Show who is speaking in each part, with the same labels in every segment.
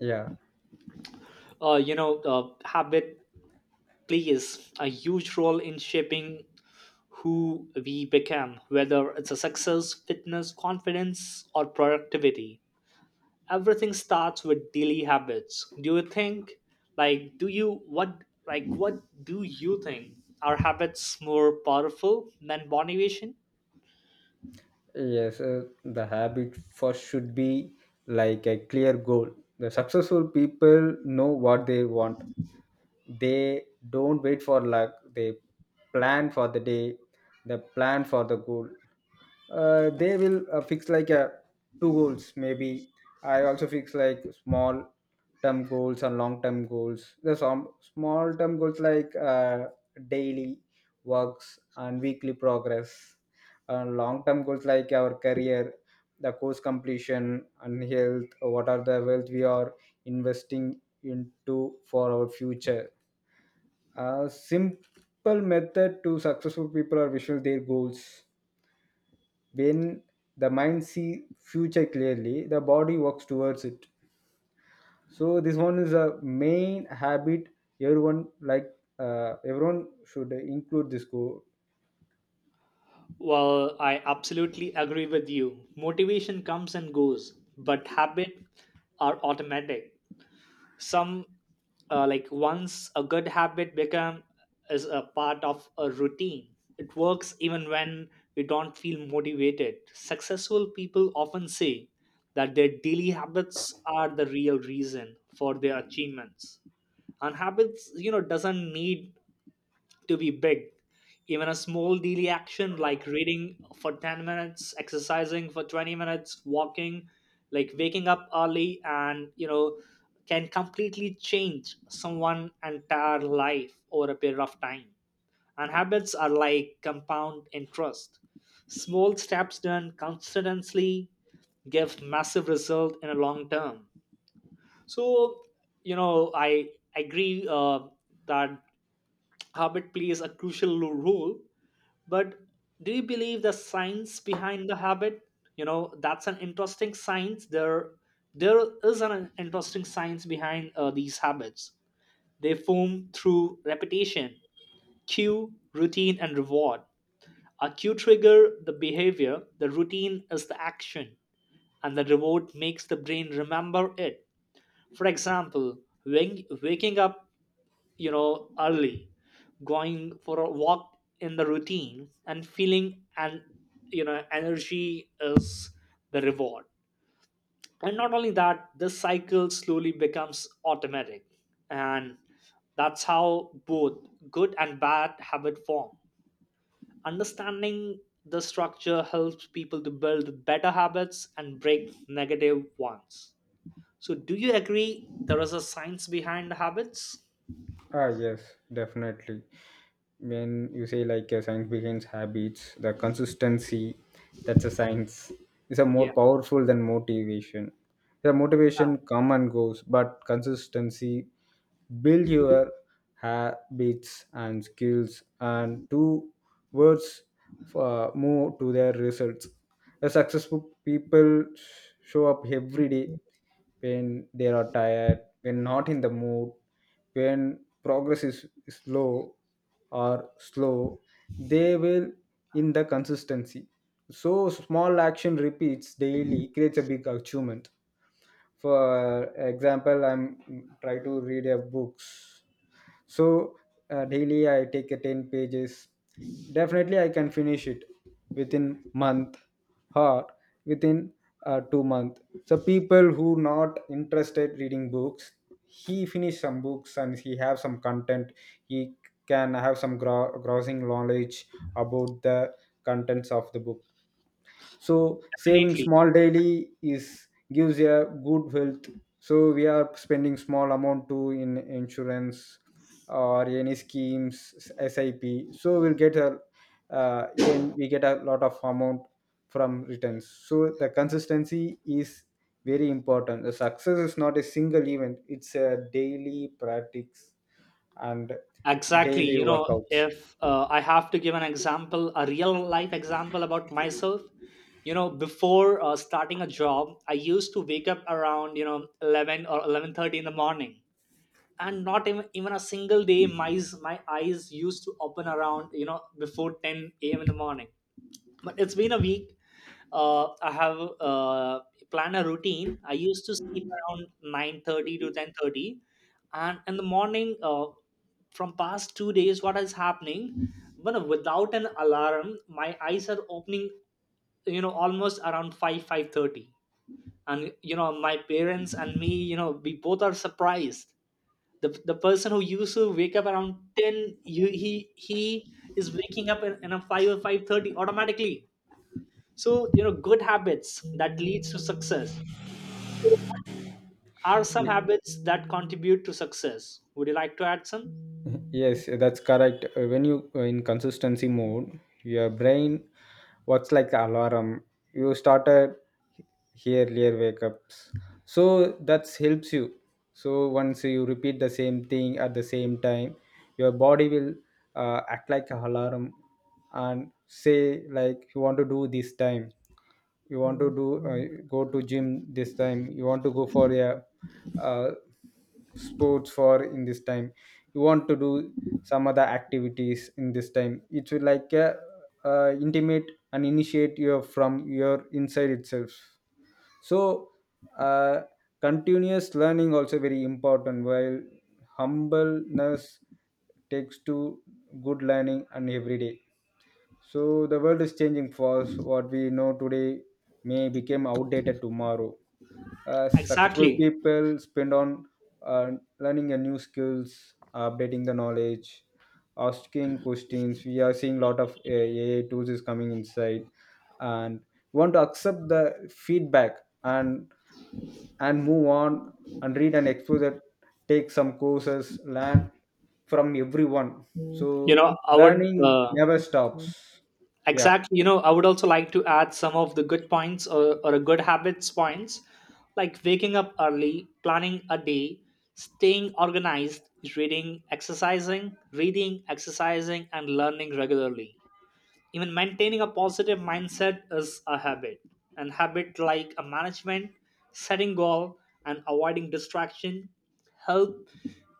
Speaker 1: Yeah,
Speaker 2: Habit plays a huge role in shaping who we become, whether it's a success, fitness, confidence, or productivity. Everything starts with daily habits. Do you think, like, do you what, like, what do you think? Are habits more powerful than motivation?
Speaker 1: yes, the habit first should be like a clear goal. The successful people know what they want, they don't wait for luck, they plan for the day, they plan for the goal. They will fix like a two goals maybe. I also fix like small term goals and long term goals. The some small term goals like daily works and weekly progress, and long term goals like our career, the course completion, and health, what are the wealth we are investing into for our future. A simple method to successful people are visual their goals. When the mind see future clearly, the body works towards it. So this one is a main habit, everyone like, everyone should include this goal.
Speaker 2: Well, I absolutely agree with you. Motivation comes and goes, but habits are automatic. Some Like once a good habit become is a part of a routine, it works even when we don't feel motivated. Successful people often say that their daily habits are the real reason for their achievements. And habits doesn't need to be big. Even a small daily action like reading for 10 minutes, exercising for 20 minutes, walking, like waking up early and, can completely change someone's entire life over a period of time. And habits are like compound interest. Small steps done constantly give massive result in a long term. So, I agree that habit plays a crucial role. But do you believe the science behind the habit? That's an interesting science there. There is an interesting science behind these habits. They form through repetition: cue, routine, and reward. A cue trigger the behavior, the routine is the action, and the reward makes the brain remember it. For example, when waking up, early, going for a walk in the routine, and feeling and, energy is the reward. And not only that, this cycle slowly becomes automatic, and that's how both good and bad habit form. Understanding the structure helps people to build better habits and break negative ones. So do you agree there is a science behind habits?
Speaker 1: Ah, yes, definitely. When you say like a science begins habits, the consistency, that's a science, is a more
Speaker 2: Yeah,
Speaker 1: powerful than motivation. The motivation come and goes, but consistency build your habits and skills and two words for move to their results. The successful people show up every day when they are tired, when not in the mood, when progress is low or slow, they will in the consistency. So small action repeats daily creates a big achievement. For example, I'm try to read a books. So daily I take a 10 pages, definitely I can finish it within month, or within 2 month. So people who not interested reading books, he finish some books and he have some content, he can have some grossing knowledge about the contents of the book. So saving
Speaker 2: definitely.
Speaker 1: small daily is gives a good health. So we are spending small amount to in insurance or any schemes, sip, so we'll get a and we get a lot of amount from returns. So the consistency is very important, the success is not a single event, it's a daily practice. And
Speaker 2: Exactly.
Speaker 1: daily
Speaker 2: You know,
Speaker 1: workouts.
Speaker 2: if I have to give an example, a real life example about myself, you know, before starting a job, I used to wake up around, 11 or 11:30 in the morning, and not even a single day my eyes used to open around, before 10 a.m. in the morning. But it's been a week. I have planned a routine. I used to sleep around 9:30 to 10:30, and in the morning, from past 2 days what is happening, but without an alarm my eyes are opening, almost around 5 5:30. And, my parents and me, we both are surprised. The person who used to wake up around 10, he is waking up in a 5 or 5:30 automatically. So, good habits that leads to success. So what are some habits that contribute to success? Would you like to add some?
Speaker 1: Yes, that's correct. When you in consistency mode, your brain works like alarm. You started earlier wake ups, so that helps you. So once you repeat the same thing at the same time, your body will act like a alarm, and say like you want to do this time, you want to do, go to gym this time, you want to go for a uh, sports for in this time, you want to do some other activities in this time, it will like intimate and initiate you from your inside itself. So uh, continuous learning also very important while humbleness takes to good learning and every day. So the world is changing fast, what we know today may become outdated tomorrow. Successful
Speaker 2: exactly
Speaker 1: people spend on uh, learning a new skills, updating the knowledge, asking questions. We are seeing a lot of AI tools is coming inside, and we want to accept the feedback and move on and read and explore that, take some courses, learn from everyone.
Speaker 2: you
Speaker 1: So
Speaker 2: know i would
Speaker 1: learning
Speaker 2: uh,
Speaker 1: never stops. Yeah.
Speaker 2: exactly, I would also like to add some of the good points, or a good habits points, like waking up early, planning a day, staying organized, reading, exercising, and learning regularly. Even maintaining a positive mindset is a habit. And habit like a management, setting goal and avoiding distraction, help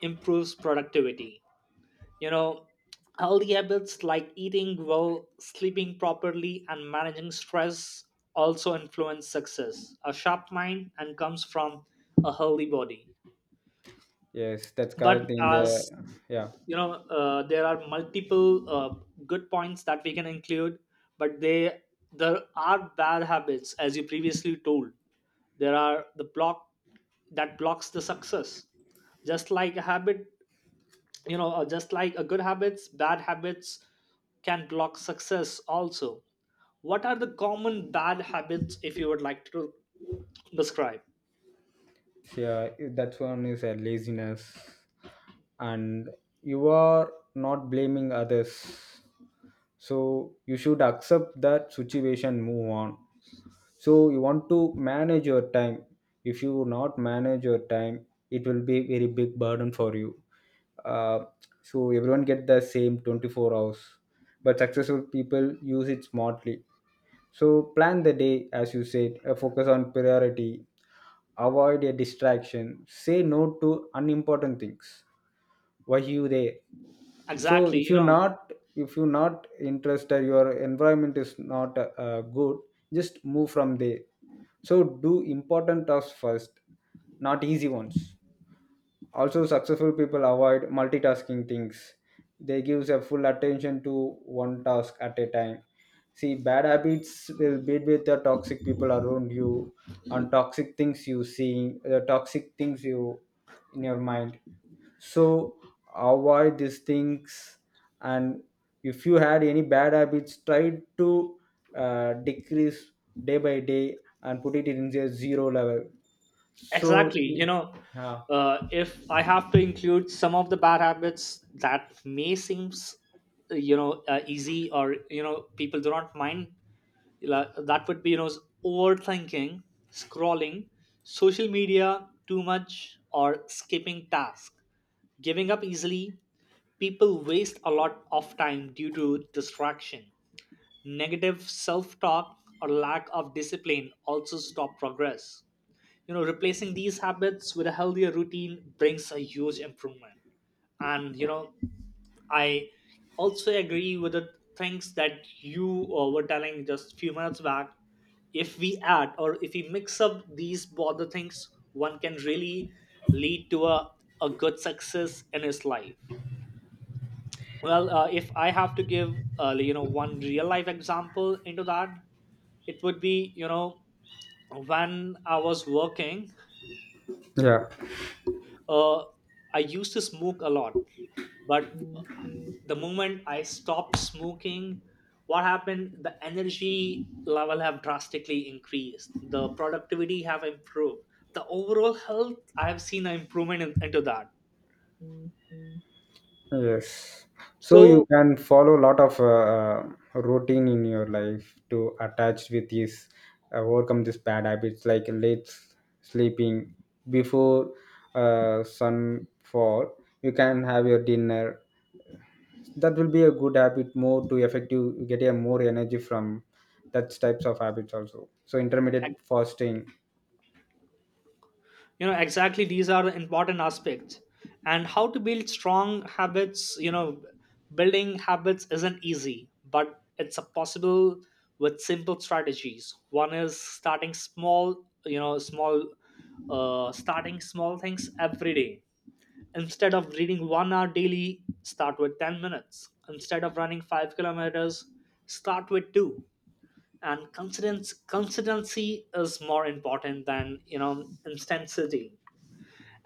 Speaker 2: improves productivity. you know Healthy habits like eating well, sleeping properly, and managing stress also influence success. A sharp mind and comes from a healthy body.
Speaker 1: Yes, that's
Speaker 2: But
Speaker 1: correct in the.
Speaker 2: as,
Speaker 1: Yeah.
Speaker 2: there are multiple good points that we can include, but they there are bad habits. As you previously told, there are the block that blocks the success. Just like a habit, just like a good habits, bad habits can block success also. What are the common bad habits, if you would like to describe?
Speaker 1: Yeah, that's one is a laziness. And you are not blaming others, so you should accept that situation, move on. So you want to manage your time, if you not manage your time it will be very big burden for you. uh, so everyone get the same 24 hours, but successful people use it smartly. So plan the day, as you said, focus on priority, avoid a distraction, say no to unimportant things. Why you there? So
Speaker 2: exactly you know
Speaker 1: if you not interested, your environment is not good, just move from there. So do important tasks first, not easy ones. Also successful people avoid multitasking things, they gives a full attention to one task at a time. See, bad habits will build with the toxic people around you, and toxic things you see, the toxic things you in your mind. So avoid these things. And if you had any bad habits, try to decrease day by day and put it in a zero level. So
Speaker 2: Exactly. You know,
Speaker 1: yeah.
Speaker 2: if I have to include some of the bad habits that may seems easy, or, people do not mind, that would be, overthinking, scrolling, social media too much, or skipping tasks, giving up easily. People waste a lot of time due to distraction. Negative self talk or lack of discipline also stop progress. Replacing these habits with a healthier routine brings a huge improvement. And, I also agree with the things that you were telling just a few minutes back. If we add, or if we mix up these both the things, one can really lead to a good success in his life. Well, if I have to give, one real life example into that, it would be, when I was working,
Speaker 1: Yeah.
Speaker 2: uh, I used to smoke a lot, but the moment I stopped smoking, what happened? The energy level have drastically increased. The productivity have improved. The overall health, I have seen an improvement in, into that.
Speaker 1: Yes, so you
Speaker 2: So,
Speaker 1: can follow a lot of routine in your life to attach with this, overcome these bad habits like sleeping before sunfall, you can have your dinner, that will be a good habit, more to effective, you get a more energy from that types of habits also. So intermittent fasting.
Speaker 2: exactly these are the important aspects, and how to build strong habits. Building habits isn't easy but it's a possible with simple strategies. One is starting small, starting small things every day. Instead of reading 1 hour daily, start with 10 minutes. Instead of running 5 kilometers, start with 2. And consistency is more important than, intensity.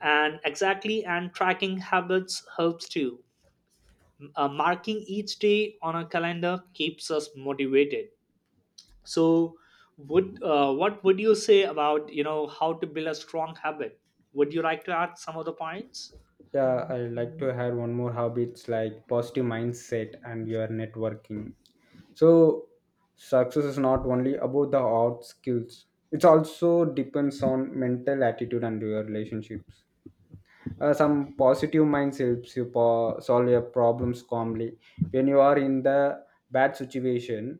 Speaker 2: And exactly, and tracking habits helps too. Marking each day on a calendar keeps us motivated. So, would what would you say about, how to build a strong habit? Would you like to add some of the points?
Speaker 1: Yeah, I like to add one more habits like positive mindset and your networking. So success is not only about the art skills, it also depends on mental attitude and your relationships. Some positive minds helps you solve your problems calmly. When you are in the bad situation,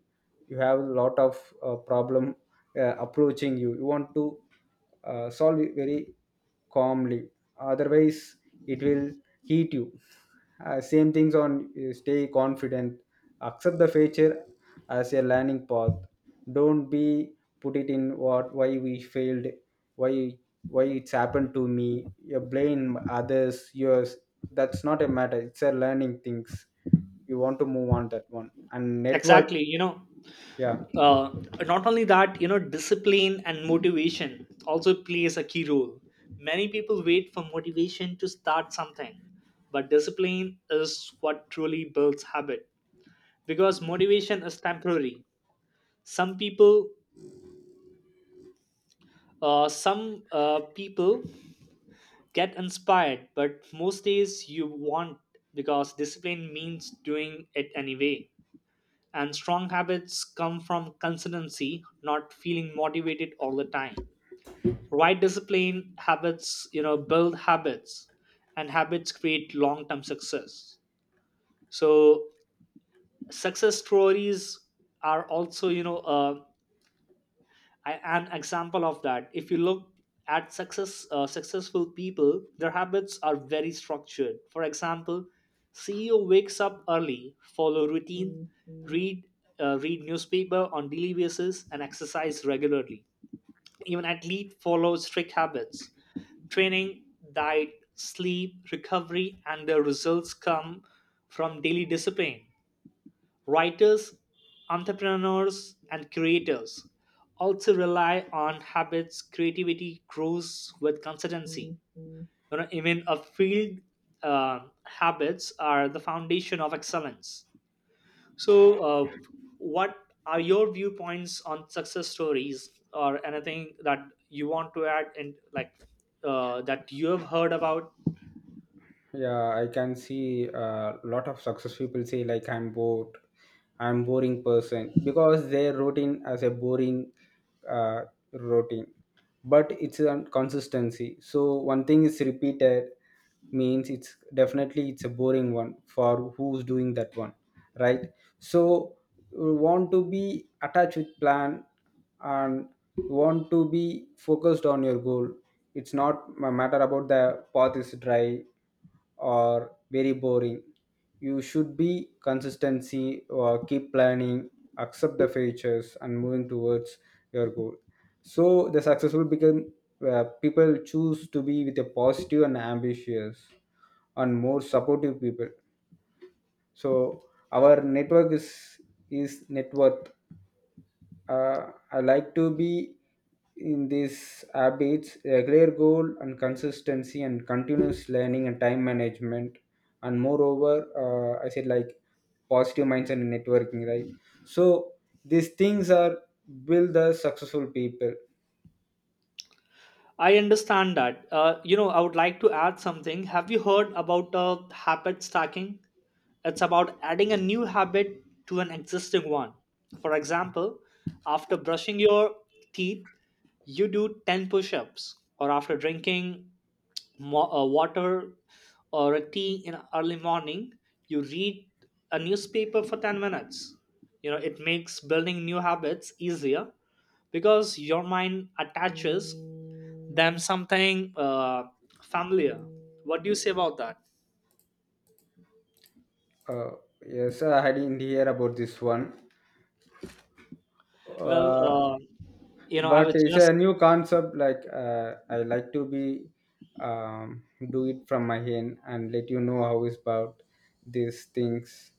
Speaker 1: you have a lot of problem approaching you, you want to solve it very calmly, otherwise it will heat you. Same things on, stay confident, accept the future as a learning path. Don't be put it in what, why we failed, why why it's happened to me, you blame others yours. That's not a matter, it's a learning things. You want to move on that one and
Speaker 2: Exactly,
Speaker 1: network. Yeah.
Speaker 2: uh, not only that, discipline and motivation also plays a key role. Many people wait for motivation to start something, but discipline is what truly builds habit. Because motivation is temporary. Some people uh, some uh, people get inspired, but most days you want, because discipline means doing it anyway, and strong habits come from consistency, not feeling motivated all the time. Right, discipline habits, build habits, and habits create long term success. So success stories are also, an example of that. If you look at successful people, their habits are very structured. For example, CEO wakes up early, follow routine, read read newspaper on daily basis, and exercise regularly. Even athlete follow strict habits: training, diet, sleep, recovery. And their results come from daily discipline. Writers, entrepreneurs, and creators also rely on habits. Creativity grows with consistency. You know, even a field, habits are the foundation of excellence. So, what are your viewpoints on success stories or anything that you want to add, and that you have heard about?
Speaker 1: Yeah, I can see a lot of success people say like I'm bored, I'm boring person, because their routine as a boring uh, routine. But it's a consistency, so one thing is repeated means it's definitely it's a boring one for who's doing that one, right? So you want to be attached with plan, and you want to be focused on your goal. It's not a matter about the path is dry or very boring. You should be consistency or keep planning, accept the features and moving towards your goal. So the successful become people choose to be with a positive and ambitious and more supportive people. So our network is net worth. I like to be in these habits, a clear goal and consistency and continuous learning and time management. And moreover, I said like positive mindset and networking, right? So these things are build the successful people.
Speaker 2: I understand that. You know, I would like to add something. Have you heard about habit stacking? It's about adding a new habit to an existing one. For example, after brushing your teeth, you do 10 push ups, or after drinking water or a tea in early morning, you read a newspaper for 10 minutes. You know, it makes building new habits easier because your mind attaches than something familiar. What do you say about that?
Speaker 1: Uh, yes, I had in here about this one.
Speaker 2: Well,
Speaker 1: Uh,
Speaker 2: you know, I
Speaker 1: but
Speaker 2: was
Speaker 1: it's
Speaker 2: just
Speaker 1: a new concept, like I like to be, um, do it from my hand and let you know how it's about these things.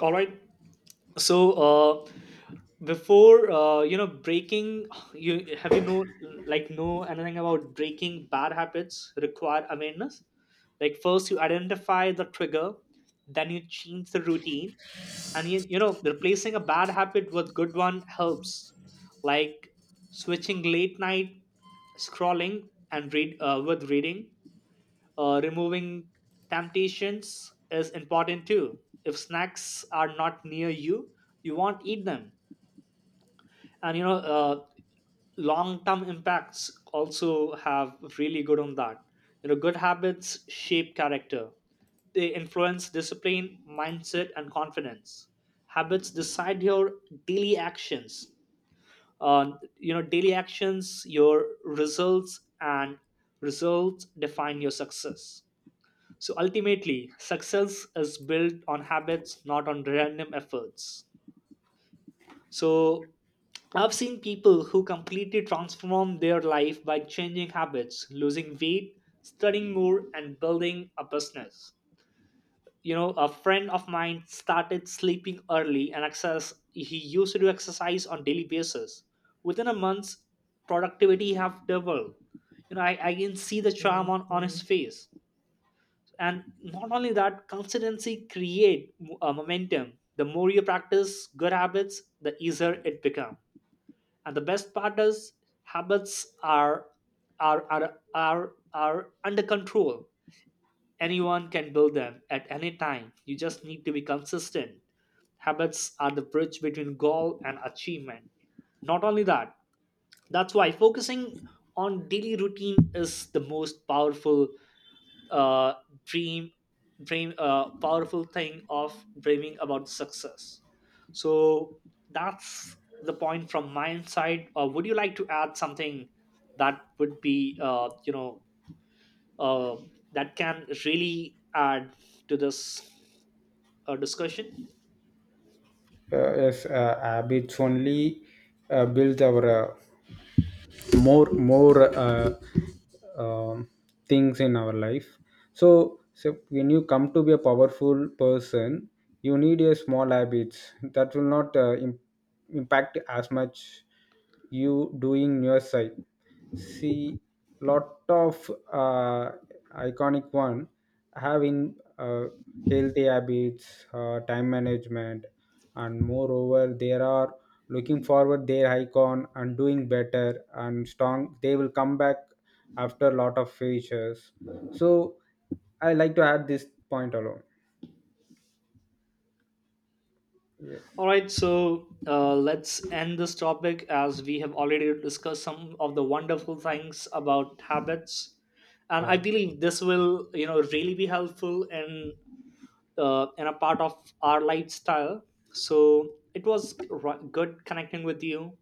Speaker 2: all right. So, before breaking, you have, know anything about breaking bad habits require awareness. Like, first you identify the trigger, then you change the routine, and you know replacing a bad habit with good one helps. Like switching late night scrolling and read with reading. Removing temptations is important too. If snacks are not near you, you won't eat them. And, long term impacts also have really good on that. Good habits shape character. They influence discipline, mindset, and confidence. Habits decide your daily actions. uh, Daily actions, your results, and results define your success. So ultimately success is built on habits, not on random efforts. So I've seen people who completely transform their life by changing habits, losing weight, studying more, and building a business. You know, a friend of mine started sleeping early, and access he used to do exercise on daily basis. Within a month, productivity have doubled. You know, I can see the charm on his face. And not only that, consistency create momentum. The more you practice good habits, the easier it becomes, and the best part is, habits are under control. Anyone can build them at any time, you just need to be consistent. Habits are the bridge between goal and achievement. Not only that, that's why focusing on daily routine is the most powerful, uh, dream dream powerful thing of dreaming about success. So that's the point from my side. Would you like to add something that would be, uh, that can really add to this discussion?
Speaker 1: Yes, habits only build our more more um, things in our life. So, when you come to be a powerful person, you need a small habits that will not impact as much, you doing your side. See, lot of iconic one having healthy habits, time management. And moreover, they are looking forward their icon and doing better and strong, they will come back after lot of features. So I like to add this point alone. Yes.
Speaker 2: All right, so let's end this topic, as we have already discussed some of the wonderful things about habits, and I
Speaker 1: Yeah,
Speaker 2: believe this will, really be helpful in, and a part of our lifestyle. So it was good connecting with you,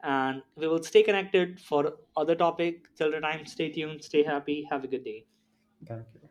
Speaker 2: and we will stay connected for other topic. Till the time, stay tuned, stay happy, have a good day.
Speaker 1: thank you.